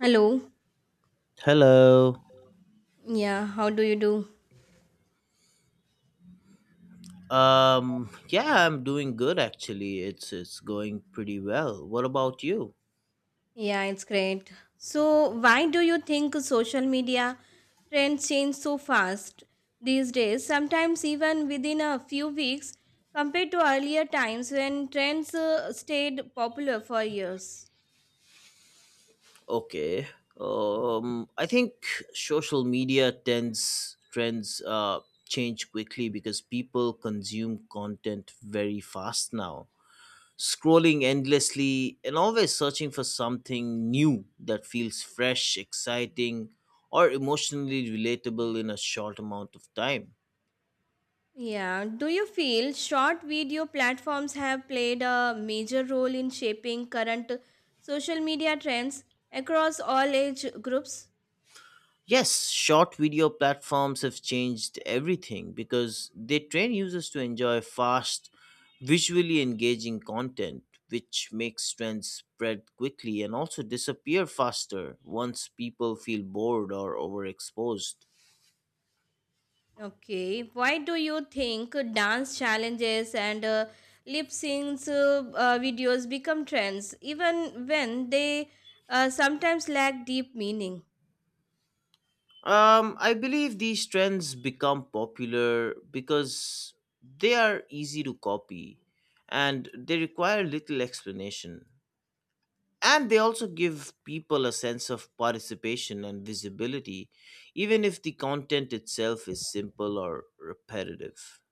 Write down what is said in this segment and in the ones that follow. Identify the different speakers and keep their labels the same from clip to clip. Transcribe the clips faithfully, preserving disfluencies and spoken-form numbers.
Speaker 1: Hello.
Speaker 2: Hello.
Speaker 1: Yeah, how do you do?
Speaker 2: Um yeah, I'm doing good actually. It's it's going pretty well. What about you?
Speaker 1: Yeah, it's great. So, why do you think social media trends change so fast these days? Sometimes even within a few weeks compared to earlier times when trends uh, stayed popular for years.
Speaker 2: Okay. Um I think social media tends trends uh change quickly because people consume content very fast now. Scrolling endlessly and always searching for something new that feels fresh, exciting, or emotionally relatable in a short amount of time.
Speaker 1: Yeah, do you feel short video platforms have played a major role in shaping current social media trends across all age groups?
Speaker 2: Yes, short video platforms have changed everything because they train users to enjoy fast, visually engaging content, which makes trends spread quickly and also disappear faster once people feel bored or overexposed.
Speaker 1: Okay, why do you think dance challenges and uh, lip syncs uh, uh, videos become trends even when they uh, sometimes lack deep meaning?
Speaker 2: Um, I believe these trends become popular because they are easy to copy and they require little explanation. And they also give people a sense of participation and visibility even if the content itself is simple or repetitive.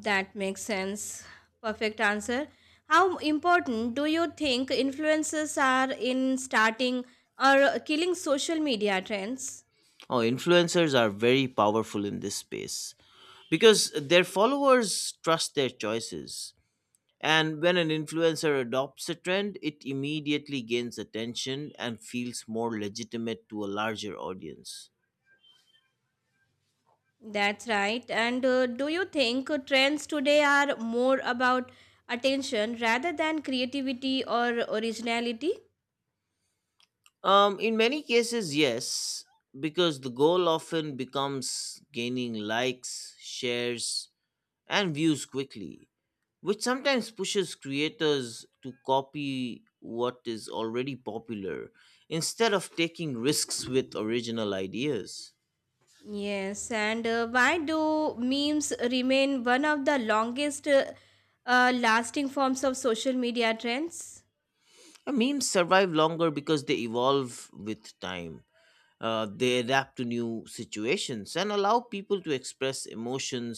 Speaker 1: That makes sense. Perfect answer. How important do you think influencers are in starting or killing social media trends?
Speaker 2: Oh, influencers are very powerful in this space because their followers trust their choices, and when an influencer adopts a trend it immediately gains attention and feels more legitimate to a larger audience.
Speaker 1: That's right. And uh, do you think trends today are more about attention rather than creativity or originality?
Speaker 2: Um, in many cases, yes, because the goal often becomes gaining likes, shares, and views quickly, which sometimes pushes creators to copy what is already popular instead of taking risks with original ideas.
Speaker 1: Yes, and uh, why do memes remain one of the longest uh, uh, lasting forms of social media trends?
Speaker 2: And memes survive longer because they evolve with time. Uh, they adapt to new situations and allow people to express emotions,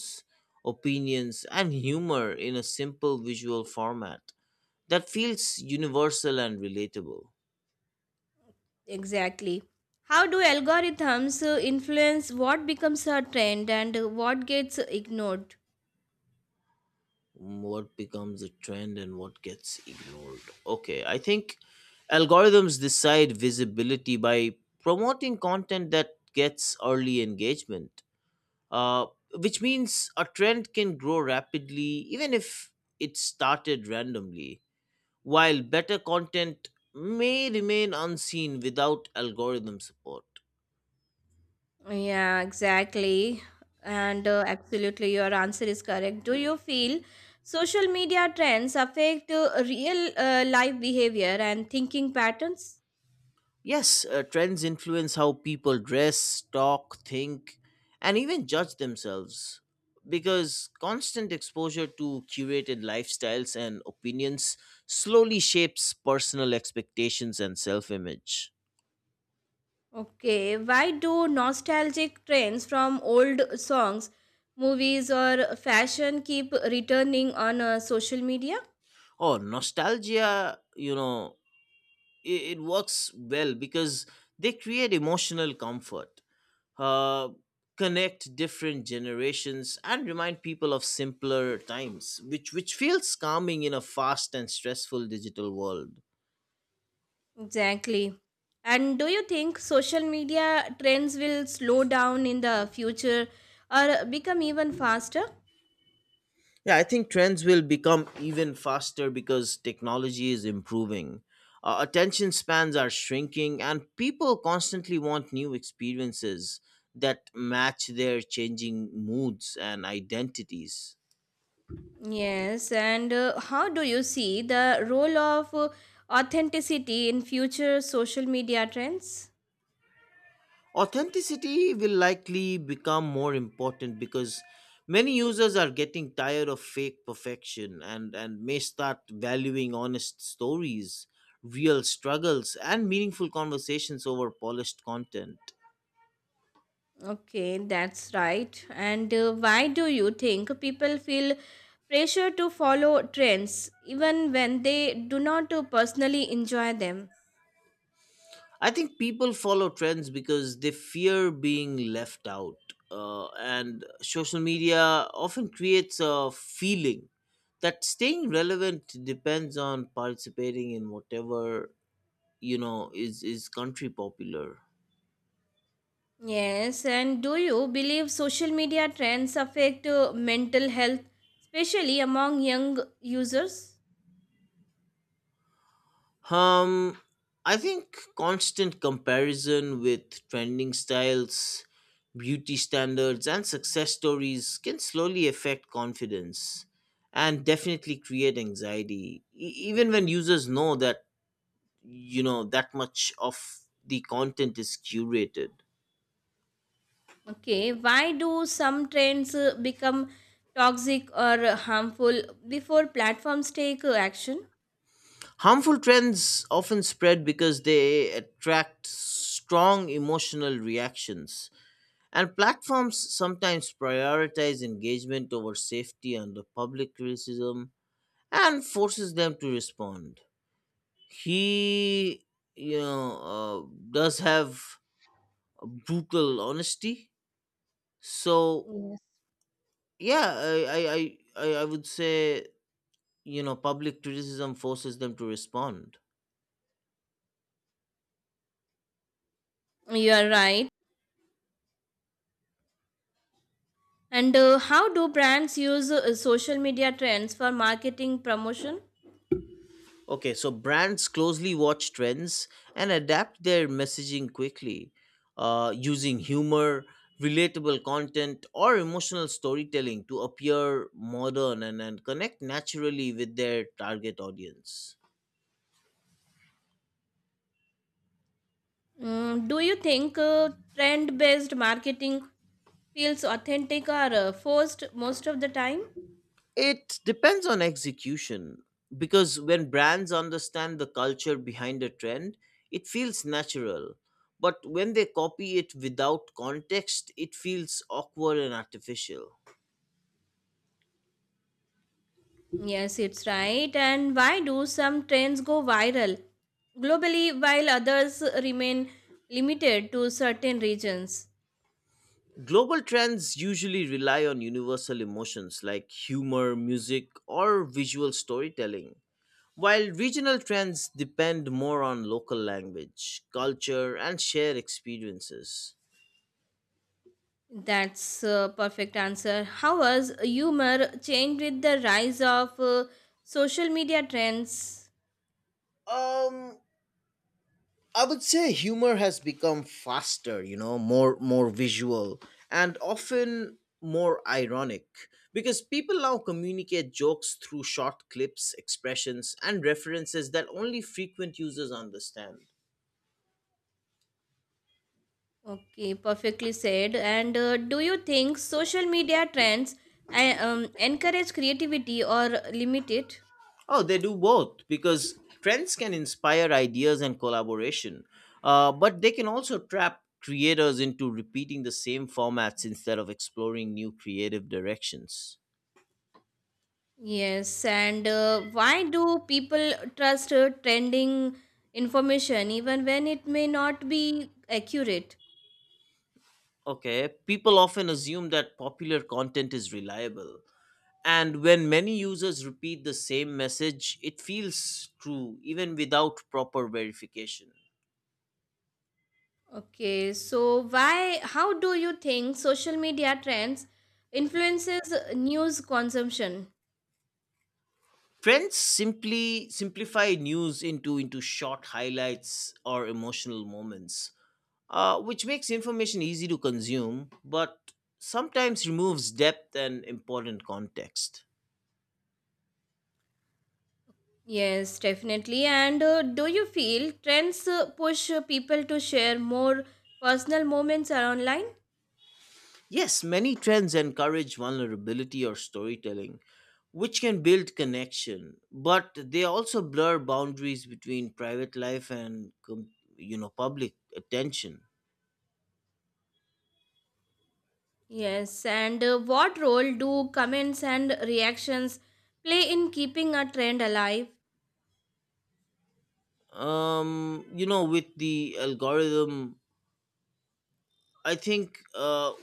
Speaker 2: opinions, and humor in a simple visual format that feels universal and relatable.
Speaker 1: Exactly. How do algorithms uh, influence what becomes a trend and uh, what gets ignored?
Speaker 2: What becomes a trend and what gets ignored? Okay, I think algorithms decide visibility by promoting content that gets early engagement, uh, which means a trend can grow rapidly even if it started randomly, while better content may remain unseen without algorithm support.
Speaker 1: Yeah, exactly. And uh, absolutely, your answer is correct. Do you feel social media trends affect uh, real uh, life behavior and thinking patterns?
Speaker 2: Yes, uh, trends influence how people dress, talk, think, and even judge themselves because constant exposure to curated lifestyles and opinions slowly shapes personal expectations and self image.
Speaker 1: Okay, why do nostalgic trends from old songs, movies, or fashion keep returning on uh, social media?
Speaker 2: Oh, nostalgia, you know, it, it works well because they create emotional comfort, uh, connect different generations and remind people of simpler times, which which feels calming in a fast and stressful digital world.
Speaker 1: Exactly. And do you think social media trends will slow down in the future or become even faster?
Speaker 2: Yeah, I think trends will become even faster because technology is improving, uh, attention spans are shrinking and people constantly want new experiences that match their changing moods and identities.
Speaker 1: Yes, and uh, how do you see the role of uh, authenticity in future social media trends?
Speaker 2: Authenticity will likely become more important because many users are getting tired of fake perfection, and, and may start valuing honest stories, real struggles, and meaningful conversations over polished content.
Speaker 1: Okay, that's right. And uh, why do you think people feel pressure to follow trends even when they do not uh, personally enjoy them?
Speaker 2: I think people follow trends because they fear being left out, uh, and social media often creates a feeling that staying relevant depends on participating in whatever you know is is country popular.
Speaker 1: Yes, and do you believe social media trends affect uh, mental health, especially among young users?
Speaker 2: um I think constant comparison with trending styles, beauty standards and success stories can slowly affect confidence and definitely create anxiety, E- even when users know that, you know that much of the content is curated.
Speaker 1: Okay, why do some trends uh, become toxic or harmful before platforms take uh, action?
Speaker 2: Harmful trends often spread because they attract strong emotional reactions. And platforms sometimes prioritize engagement over safety under public criticism and forces them to respond. He, you know, uh, does have a brutal honesty. So
Speaker 1: Yes.
Speaker 2: yeah, I, I, I, I I would say, you know, public criticism forces them to respond.
Speaker 1: You are right. And uh, how do brands use uh, social media trends for marketing promotion?
Speaker 2: Okay, so brands closely watch trends and adapt their messaging quickly, uh, using humor, relatable content, or emotional storytelling to appear modern and, and connect naturally with their target audience.
Speaker 1: Mm, do you think uh, trend based marketing feels authentic or uh, forced most of the time?
Speaker 2: It depends on execution, because when brands understand the culture behind a trend, it feels natural. But when they copy it without context, it feels awkward and artificial.
Speaker 1: Yes, it's right. And why do some trends go viral globally while others remain limited to certain regions?
Speaker 2: Global trends usually rely on universal emotions like humor, music, or visual storytelling, while regional trends depend more on local language, culture, and shared experiences.
Speaker 1: That's a perfect answer. How has humor changed with the rise of uh, social media trends?
Speaker 2: Um, I would say humor has become faster, you know, more more visual and often more ironic because people now communicate jokes through short clips, expressions, and references that only frequent users understand.
Speaker 1: Okay, perfectly said. And uh, do you think social media trends uh, um, encourage creativity or limit it?
Speaker 2: Oh, they do both, because trends can inspire ideas and collaboration, uh, but they can also trap creators into repeating the same formats instead of exploring new creative directions.
Speaker 1: Yes, and uh, why do people trust uh, trending information even when it may not be accurate?
Speaker 2: Okay, people often assume that popular content is reliable. And when many users repeat the same message, it feels true even without proper verification.
Speaker 1: Okay, so why, how do you think social media trends influences news consumption?
Speaker 2: Trends simply simplify news into, into short highlights or emotional moments, uh, which makes information easy to consume, but sometimes removes depth and important context.
Speaker 1: Yes, definitely. And uh, do you feel trends uh, push uh, people to share more personal moments are online?
Speaker 2: Yes, many trends encourage vulnerability or storytelling, which can build connection, but they also blur boundaries between private life and com- you know, public attention.
Speaker 1: Yes, and uh, what role do comments and reactions play in keeping a trend alive?
Speaker 2: Um, you know, with the algorithm, I think uh,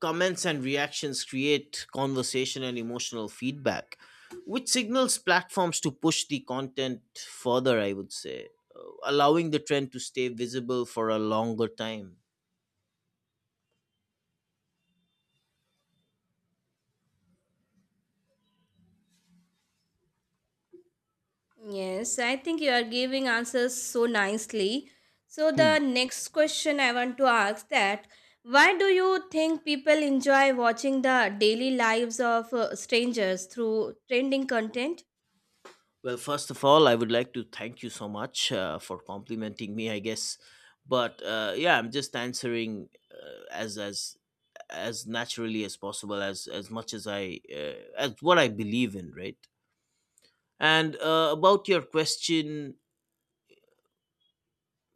Speaker 2: comments and reactions create conversation and emotional feedback, which signals platforms to push the content further, I would say, uh, allowing the trend to stay visible for a longer time.
Speaker 1: Yes, I think you are giving answers so nicely. So
Speaker 2: Hmm.
Speaker 1: the next question I want to ask that why do you think people enjoy watching the daily lives of uh, strangers through trending content?
Speaker 2: Well, first of all, I would like to thank you so much uh, for complimenting me, I guess. But uh, yeah, I'm just answering uh, as as as naturally as possible, as as much as I uh, as what I believe in, right? And uh, about your question.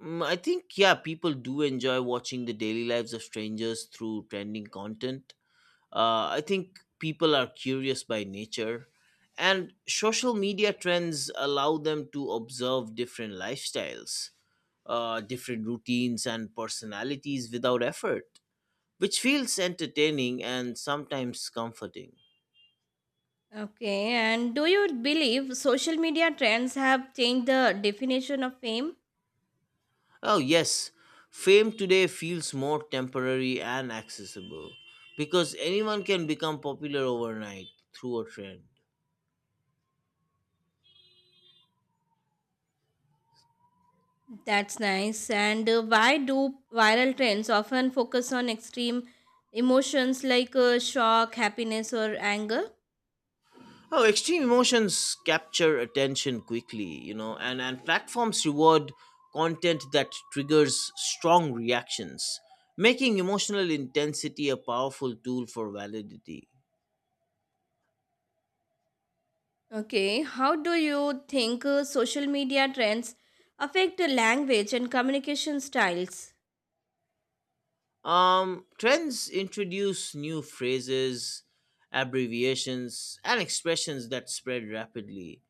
Speaker 2: Mm, I think yeah, people do enjoy watching the daily lives of strangers through trending content. Uh, I think people are curious by nature, and social media trends allow them to observe different lifestyles, uh, different routines, and personalities without effort, which feels entertaining and sometimes comforting.
Speaker 1: Okay, and do you believe social media trends have changed the definition of fame?
Speaker 2: Oh, yes. Fame today feels more temporary and accessible because anyone can become popular overnight through a trend.
Speaker 1: That's nice. And uh, why do viral trends often focus on extreme emotions like uh, shock, happiness, or anger?
Speaker 2: Oh, extreme emotions capture attention quickly, you know, and, and platforms reward content that triggers strong reactions, making emotional intensity a powerful tool for validity.
Speaker 1: Okay, how do you think uh, social media trends affect the language and communication styles?
Speaker 2: Um, trends introduce new phrases, abbreviations, and expressions that spread rapidly,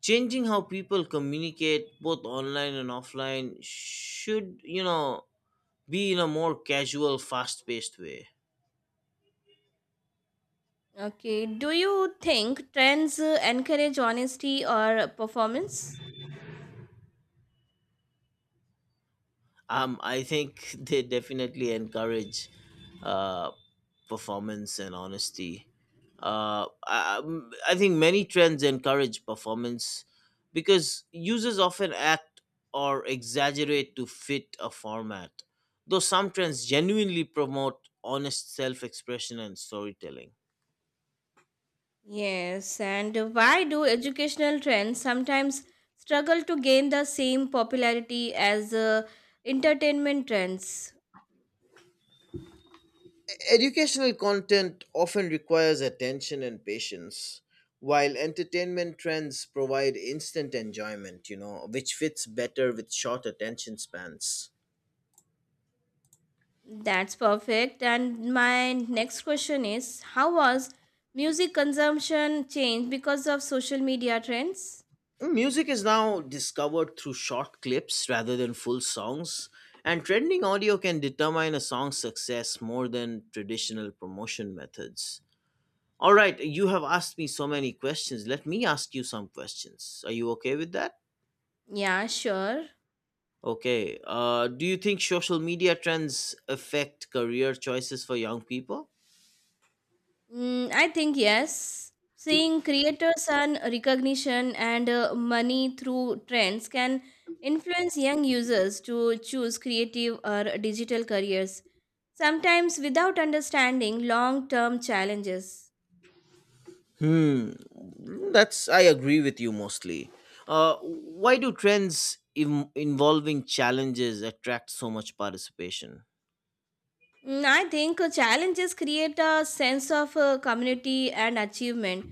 Speaker 2: changing how people communicate both online and offline, should you know be in a more casual, fast paced way.
Speaker 1: Okay, do you think trends uh, encourage honesty or performance?
Speaker 2: um I think they definitely encourage uh performance and honesty. uh i, I'm- I think many trends encourage performance because users often act or exaggerate to fit a format, though some trends genuinely promote honest self-expression and storytelling.
Speaker 1: Yes, and why do educational trends sometimes struggle to gain the same popularity as uh, entertainment trends?
Speaker 2: Educational content often requires attention and patience, while entertainment trends provide instant enjoyment, you know, which fits better with short attention spans.
Speaker 1: That's perfect. And my next question is, how was music consumption changed because of social media trends?
Speaker 2: Music is now discovered through short clips rather than full songs, and trending audio can determine a song's success more than traditional promotion methods. All right, you have asked me so many questions. Let me ask you some questions. Are you okay with that?
Speaker 1: Yeah, sure.
Speaker 2: Okay. Uh, do you think social media trends affect career choices for young people?
Speaker 1: Mm, I think yes. Seeing creators earn recognition and uh, money through trends can influence young users to choose creative or digital careers, sometimes without understanding long term challenges.
Speaker 2: Hmm. That's, I agree with you mostly. Uh, why do trends Im- involving challenges attract so much participation?
Speaker 1: Mm, I think uh, challenges create a sense of uh, community and achievement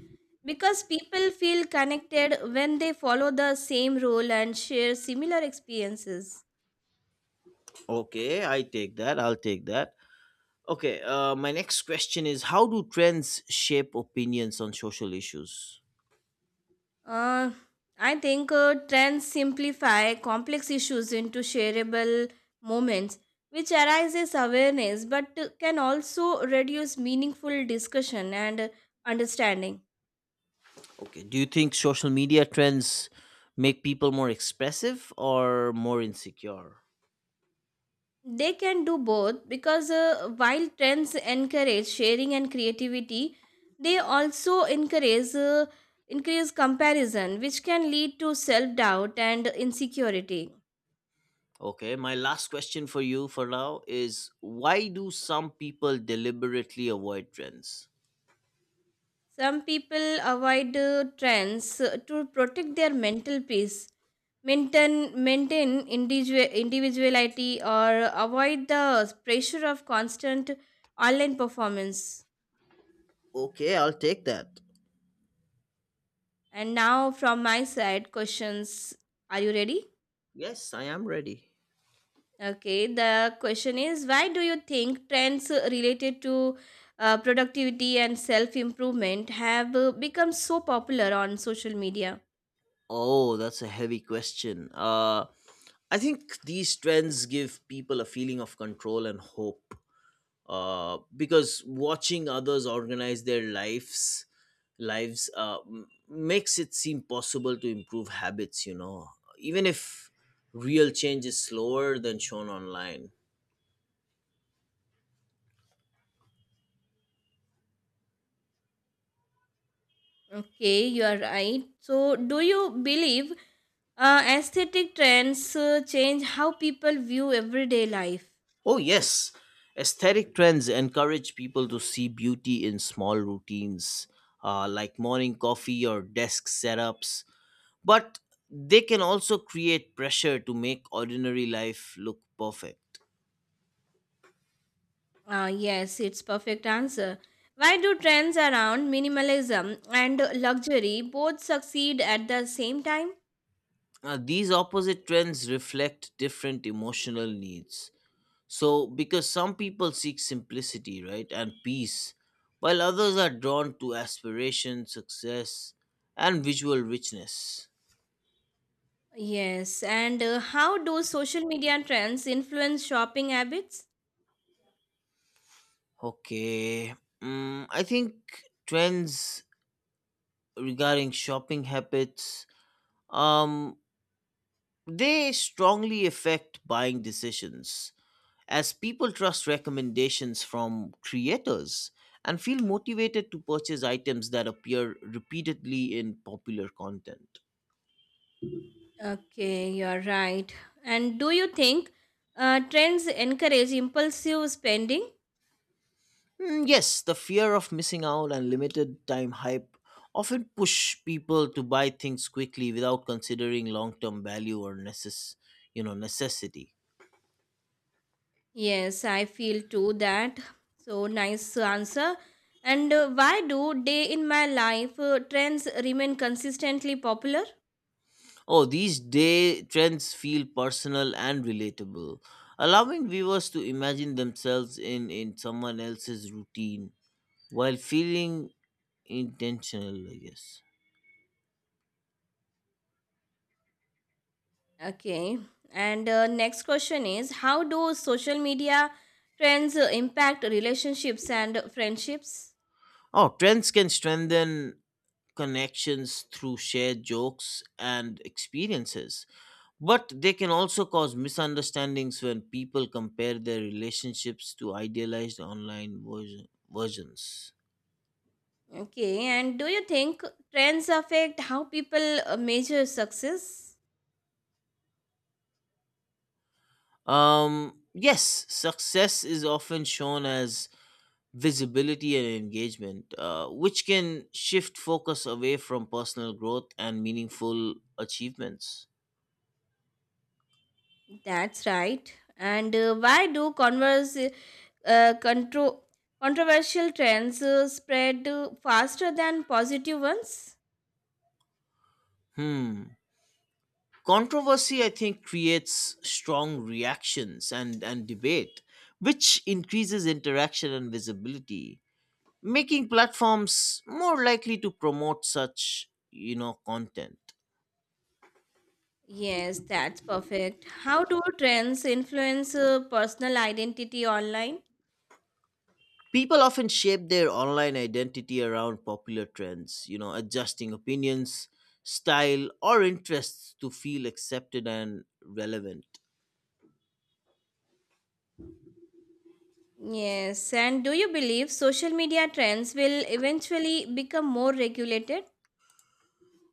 Speaker 1: because people feel connected when they follow the same role and share similar experiences.
Speaker 2: Okay, I take that. I'll take that. Okay. Uh, my next question is: how do trends shape opinions on social issues?
Speaker 1: Uh, I think uh, trends simplify complex issues into shareable moments, which arises awareness but uh, can also reduce meaningful discussion and uh, understanding.
Speaker 2: Okay. Do you think social media trends make people more expressive or more insecure?
Speaker 1: They can do both because uh, while trends encourage sharing and creativity, they also encourage uh, increase comparison, which can lead to self doubt and insecurity.
Speaker 2: Okay, my last question for you for now is, why do some people deliberately avoid trends?
Speaker 1: Some people avoid uh, trends uh, to protect their mental peace, maintain, maintain individual, individuality, or avoid the pressure of constant online performance.
Speaker 2: Okay, I'll take that.
Speaker 1: And now, from my side, questions. Are you ready?
Speaker 2: Yes, I am ready.
Speaker 1: Okay, the question is, why do you think trends uh, related to uh, productivity and self improvement have uh, become so popular on social media?
Speaker 2: Oh, that's a heavy question. Uh I think these trends give people a feeling of control and hope. Uh, because watching others organize their lives, lives uh, m- makes it seem possible to improve habits. You know, even if real change is slower than shown online.
Speaker 1: Okay, you are right. So, do you believe Uh, aesthetic trends uh, change how people view everyday life?
Speaker 2: Oh, yes. Aesthetic trends encourage people to see beauty in small routines, uh, like morning coffee or desk setups, but they can also create pressure to make ordinary life look perfect.
Speaker 1: Uh, yes, it's perfect answer. Why do trends around minimalism and luxury both succeed at the same time?
Speaker 2: Uh, these opposite trends reflect different emotional needs. So, because some people seek simplicity, right, and peace, while others are drawn to aspiration, success, and visual richness.
Speaker 1: Yes, and uh, how do social media trends influence shopping habits?
Speaker 2: Okay. Mm, I think trends regarding shopping habits, um they strongly affect buying decisions as people trust recommendations from creators and feel motivated to purchase items that appear repeatedly in popular content.
Speaker 1: Okay, you're right. And do you think uh, trends encourage impulsive spending?
Speaker 2: Mm, yes, the fear of missing out and limited time hype often push people to buy things quickly without considering long-term value or necess- you know, necessity.
Speaker 1: Yes, I feel too that. So nice answer. And uh, why do day in my life uh, trends remain consistently popular?
Speaker 2: Oh, these day trends feel personal and relatable, allowing viewers to imagine themselves in, in someone else's routine while feeling intentional, I guess.
Speaker 1: Okay. And uh, next question is, how do social media trends uh, impact relationships and friendships?
Speaker 2: Oh, trends can strengthen connections through shared jokes and experiences, but they can also cause misunderstandings when people compare their relationships to idealized online version, versions.
Speaker 1: Okay. And do you think trends affect how people uh, measure success?
Speaker 2: Um, yes, success is often shown as visibility and engagement, uh, which can shift focus away from personal growth and meaningful achievements.
Speaker 1: That's right. And uh, why do converse uh, contro- controversial trends uh, spread uh, faster than positive ones?
Speaker 2: Hmm. Controversy, I think, creates strong reactions and, and debate, which increases interaction and visibility, making platforms more likely to promote such, you know, content.
Speaker 1: Yes, that's perfect. How do trends influence uh, personal identity online?
Speaker 2: People often shape their online identity around popular trends, you know, adjusting opinions, style, or interests to feel accepted and relevant.
Speaker 1: Yes, and do you believe social media trends will eventually become more regulated?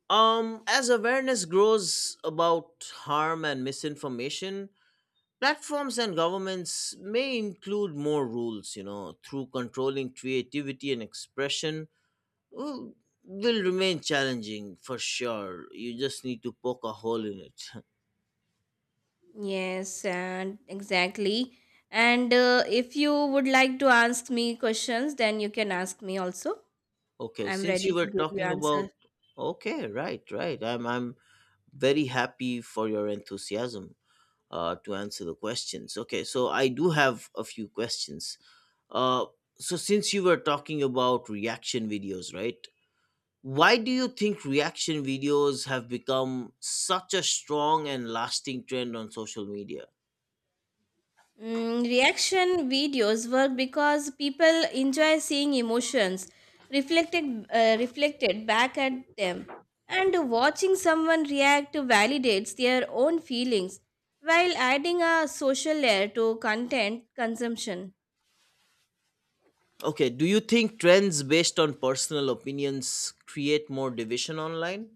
Speaker 2: Um, as awareness grows about harm and misinformation, platforms and governments may include more rules, you know, through controlling creativity and expression. Will, will remain challenging for sure. You just need to poke a hole in it.
Speaker 1: Yes, and exactly. And uh, if you would like to ask me questions, then you can ask me also.
Speaker 2: Okay,
Speaker 1: I'm
Speaker 2: since
Speaker 1: ready
Speaker 2: you
Speaker 1: to
Speaker 2: were
Speaker 1: give you
Speaker 2: talking about
Speaker 1: answer.
Speaker 2: okay, right, right. I'm I'm very happy for your enthusiasm uh to answer the questions. Okay, so I do have a few questions. Uh so since you were talking about reaction videos, right? Why do you think reaction videos have become such a strong and lasting trend on social media?
Speaker 1: Mm, reaction videos work because people enjoy seeing emotions reflected uh, reflected back at them, and watching someone react validates their own feelings while adding a social layer to content consumption.
Speaker 2: Okay, do you think trends based on personal opinions create more division online?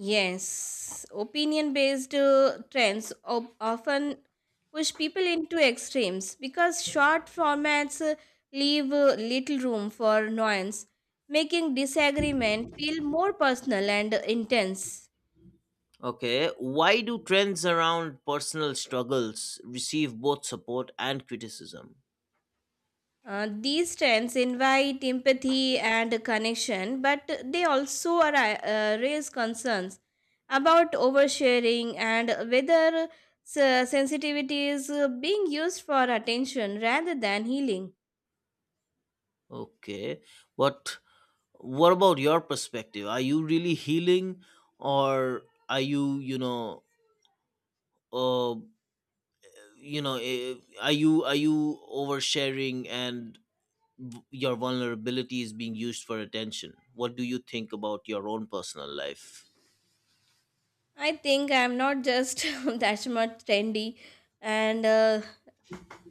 Speaker 1: Yes, opinion based uh, trends op- often push people into extremes because short formats uh, leave uh, little room for nuance, making disagreement feel more personal and intense.
Speaker 2: Okay, why do trends around personal struggles receive both support and criticism?
Speaker 1: Uh, these trends invite empathy and connection, but they also are, uh, raise concerns about oversharing and whether s- sensitivity is uh, being used for attention rather than healing.
Speaker 2: Okay, but what about your perspective? Are you really healing, or are you, you know, uh, you know, eh, are you are you oversharing, and your vulnerability is being used for attention? What do you think about your own personal life?
Speaker 1: I think I'm not just that much trendy, and uh,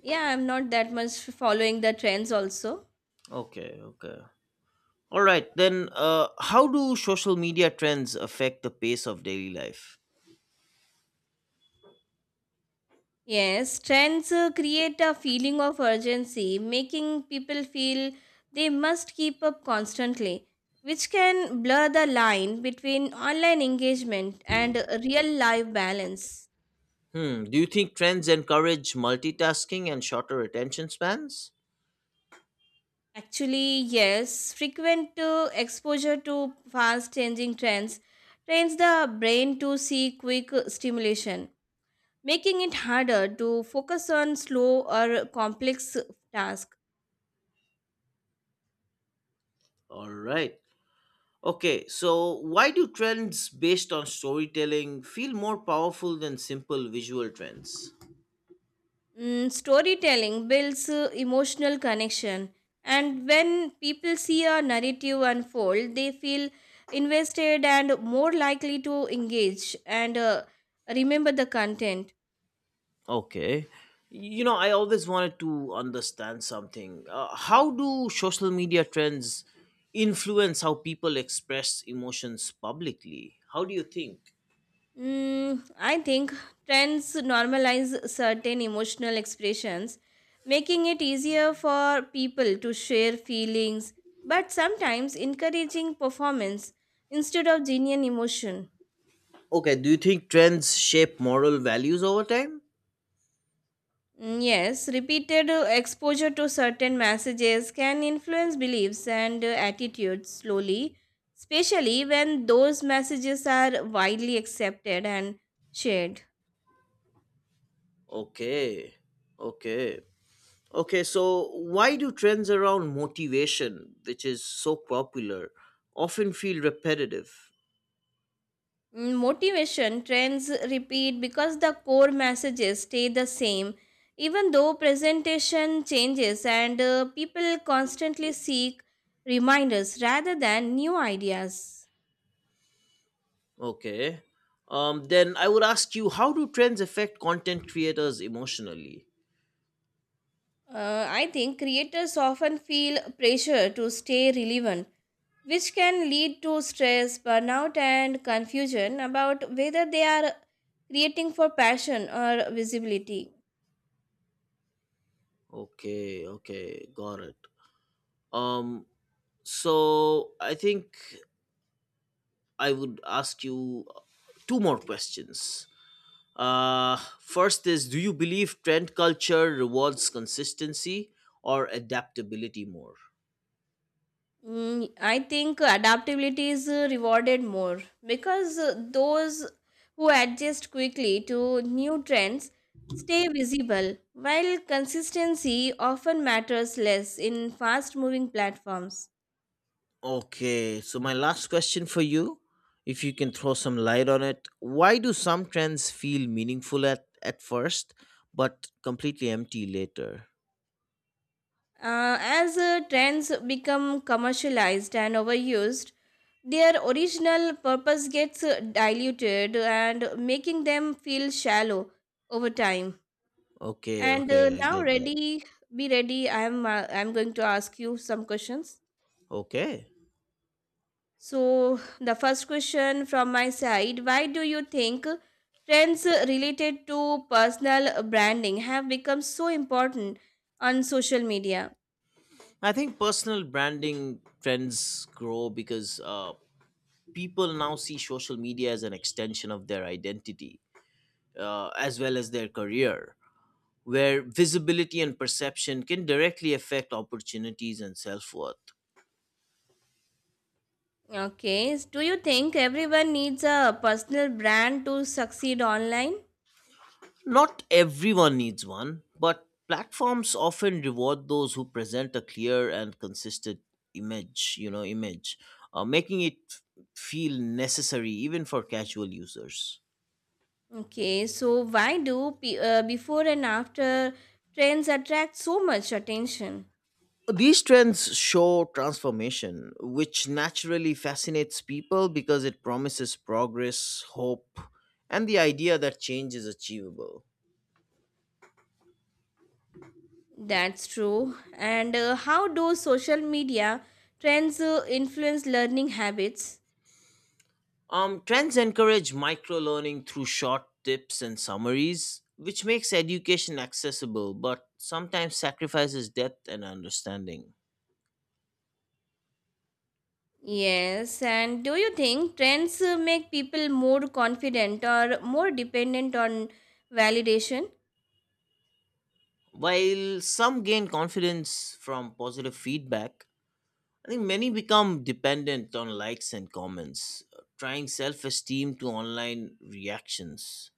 Speaker 1: yeah, I'm not that much following the trends also.
Speaker 2: Okay, okay. All right, then, uh, how do social media trends affect the pace of daily life?
Speaker 1: Yes, trends uh, create a feeling of urgency, making people feel they must keep up constantly, which can blur the line between online engagement and real life balance.
Speaker 2: Hmm, do you think trends encourage multitasking and shorter attention spans?
Speaker 1: Actually, yes, frequent uh, exposure to fast changing trends trains the brain to seek quick stimulation, making it harder to focus on slow or complex tasks.
Speaker 2: All right. Okay, so why do trends based on storytelling feel more powerful than simple visual trends?
Speaker 1: Mm, storytelling builds uh, emotional connection, and when people see a narrative unfold, they feel invested and more likely to engage and uh, remember the content.
Speaker 2: Okay. You know, I always wanted to understand something. Uh, how do social media trends influence how people express emotions publicly? How do you think?
Speaker 1: Mm, I think trends normalize certain emotional expressions, making it easier for people to share feelings, but sometimes encouraging performance instead of genuine emotion.
Speaker 2: Okay, do you think trends shape moral values over time?
Speaker 1: Mm, yes, repeated uh, exposure to certain messages can influence beliefs and uh, attitudes slowly, especially when those messages are widely accepted and shared.
Speaker 2: Okay. Okay. Okay, so why do trends around motivation, which is so popular, often feel repetitive?
Speaker 1: Mm, motivation trends repeat because the core messages stay the same, even though presentation changes and uh, people constantly seek reminders rather than new ideas.
Speaker 2: Okay. Um then I would ask you, how do trends affect content creators emotionally?
Speaker 1: Uh, I think creators often feel pressure to stay relevant, which can lead to stress, burnout, and confusion about whether they are creating for passion or visibility.
Speaker 2: Okay, okay, got it. Um so I think I would ask you two more questions. Uh, first is, do you believe trend culture rewards consistency or adaptability more?
Speaker 1: Mm, I think adaptability is uh, rewarded more because uh, those who adjust quickly to new trends stay visible, while consistency often matters less in fast moving platforms.
Speaker 2: Okay, so my last question for you, if you can throw some light on it, why do some trends feel meaningful at, at first but completely empty later?
Speaker 1: Uh, as uh, trends become commercialized and overused, their original purpose gets uh, diluted and making them feel shallow over time.
Speaker 2: Okay,
Speaker 1: And uh,
Speaker 2: okay, I
Speaker 1: now,
Speaker 2: get that.
Speaker 1: ready, be ready. I'm uh, I'm going to ask you some questions.
Speaker 2: Okay.
Speaker 1: So the first question from my side: why do you think trends uh, related to personal branding have become so important on social media?
Speaker 2: I think personal branding trends grow because uh, people now see social media as an extension of their identity, uh, as well as their career, where visibility and perception can directly affect opportunities and self worth.
Speaker 1: Okay. s- Do you think everyone needs a personal brand to succeed online?
Speaker 2: Not everyone needs one, but platforms often reward those who present a clear and consistent image, you know, image, uh, making it feel necessary even for casual users.
Speaker 1: Okay. So why do pe- uh, before and after trends attract so much attention?
Speaker 2: These trends show transformation, which naturally fascinates people because it promises progress, hope, and the idea that change is achievable.
Speaker 1: That's true. And uh, how do social media trends uh, influence learning habits?
Speaker 2: Um, trends encourage micro learning through short tips and summaries, which makes education accessible but sometimes sacrifices depth and understanding.
Speaker 1: Yes. And do you think trends uh, make people more confident or more dependent on validation?
Speaker 2: While some gain confidence from positive feedback, I think many become dependent on likes and comments, uh, trying self esteem to online reactions.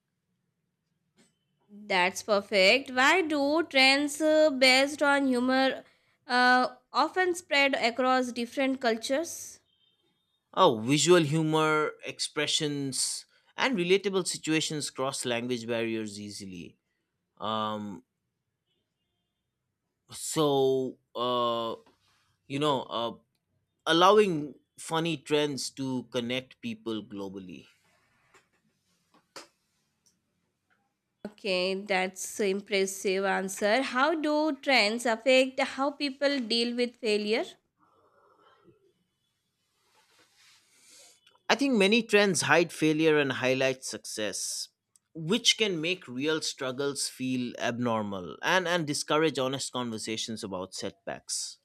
Speaker 1: That's perfect. Why do trends uh, based on humor uh, often spread across different cultures?
Speaker 2: Oh, visual humor, expressions, and relatable situations cross language barriers easily. Um, so, uh, you know, uh, allowing funny trends to connect people globally.
Speaker 1: Okay, that's impressive answer. How do trends affect how people deal with failure?
Speaker 2: I think many trends hide failure and highlight success, which can make real struggles feel abnormal, and, and discourage honest conversations about setbacks.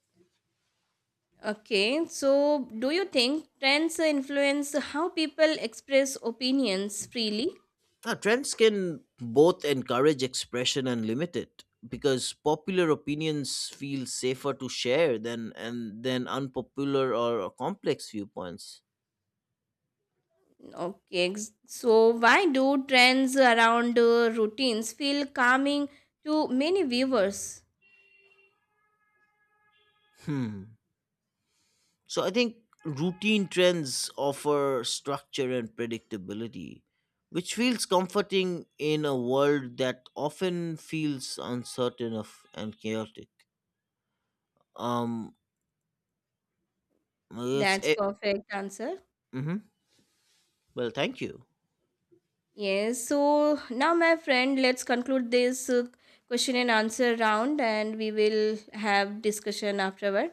Speaker 1: Okay, so do you think trends influence how people express opinions freely?
Speaker 2: Now, trends can both encourage expression and limit it because popular opinions feel safer to share than, and than unpopular, or, or complex viewpoints.
Speaker 1: Okay, ex- so why do trends around uh, routines feel calming to many viewers?
Speaker 2: Hmm. So I think routine trends offer structure and predictability, which feels comforting in a world that often feels uncertain of and chaotic. Um, it's
Speaker 1: That's
Speaker 2: it.
Speaker 1: perfect answer.
Speaker 2: Hmm. Well, thank you.
Speaker 1: Yes, so now, my friend, let's conclude this uh, question and answer round, and we will have discussion afterward.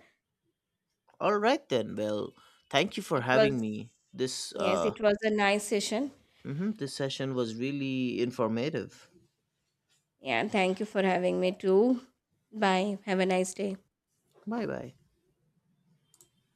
Speaker 2: All right then. Well, thank you for
Speaker 1: It was,
Speaker 2: having me. This
Speaker 1: yes,
Speaker 2: uh,
Speaker 1: it was a nice session.
Speaker 2: mhm, this session was really informative.
Speaker 1: Yeah, thank you for having me too. Bye. Have a nice day.
Speaker 2: Bye bye.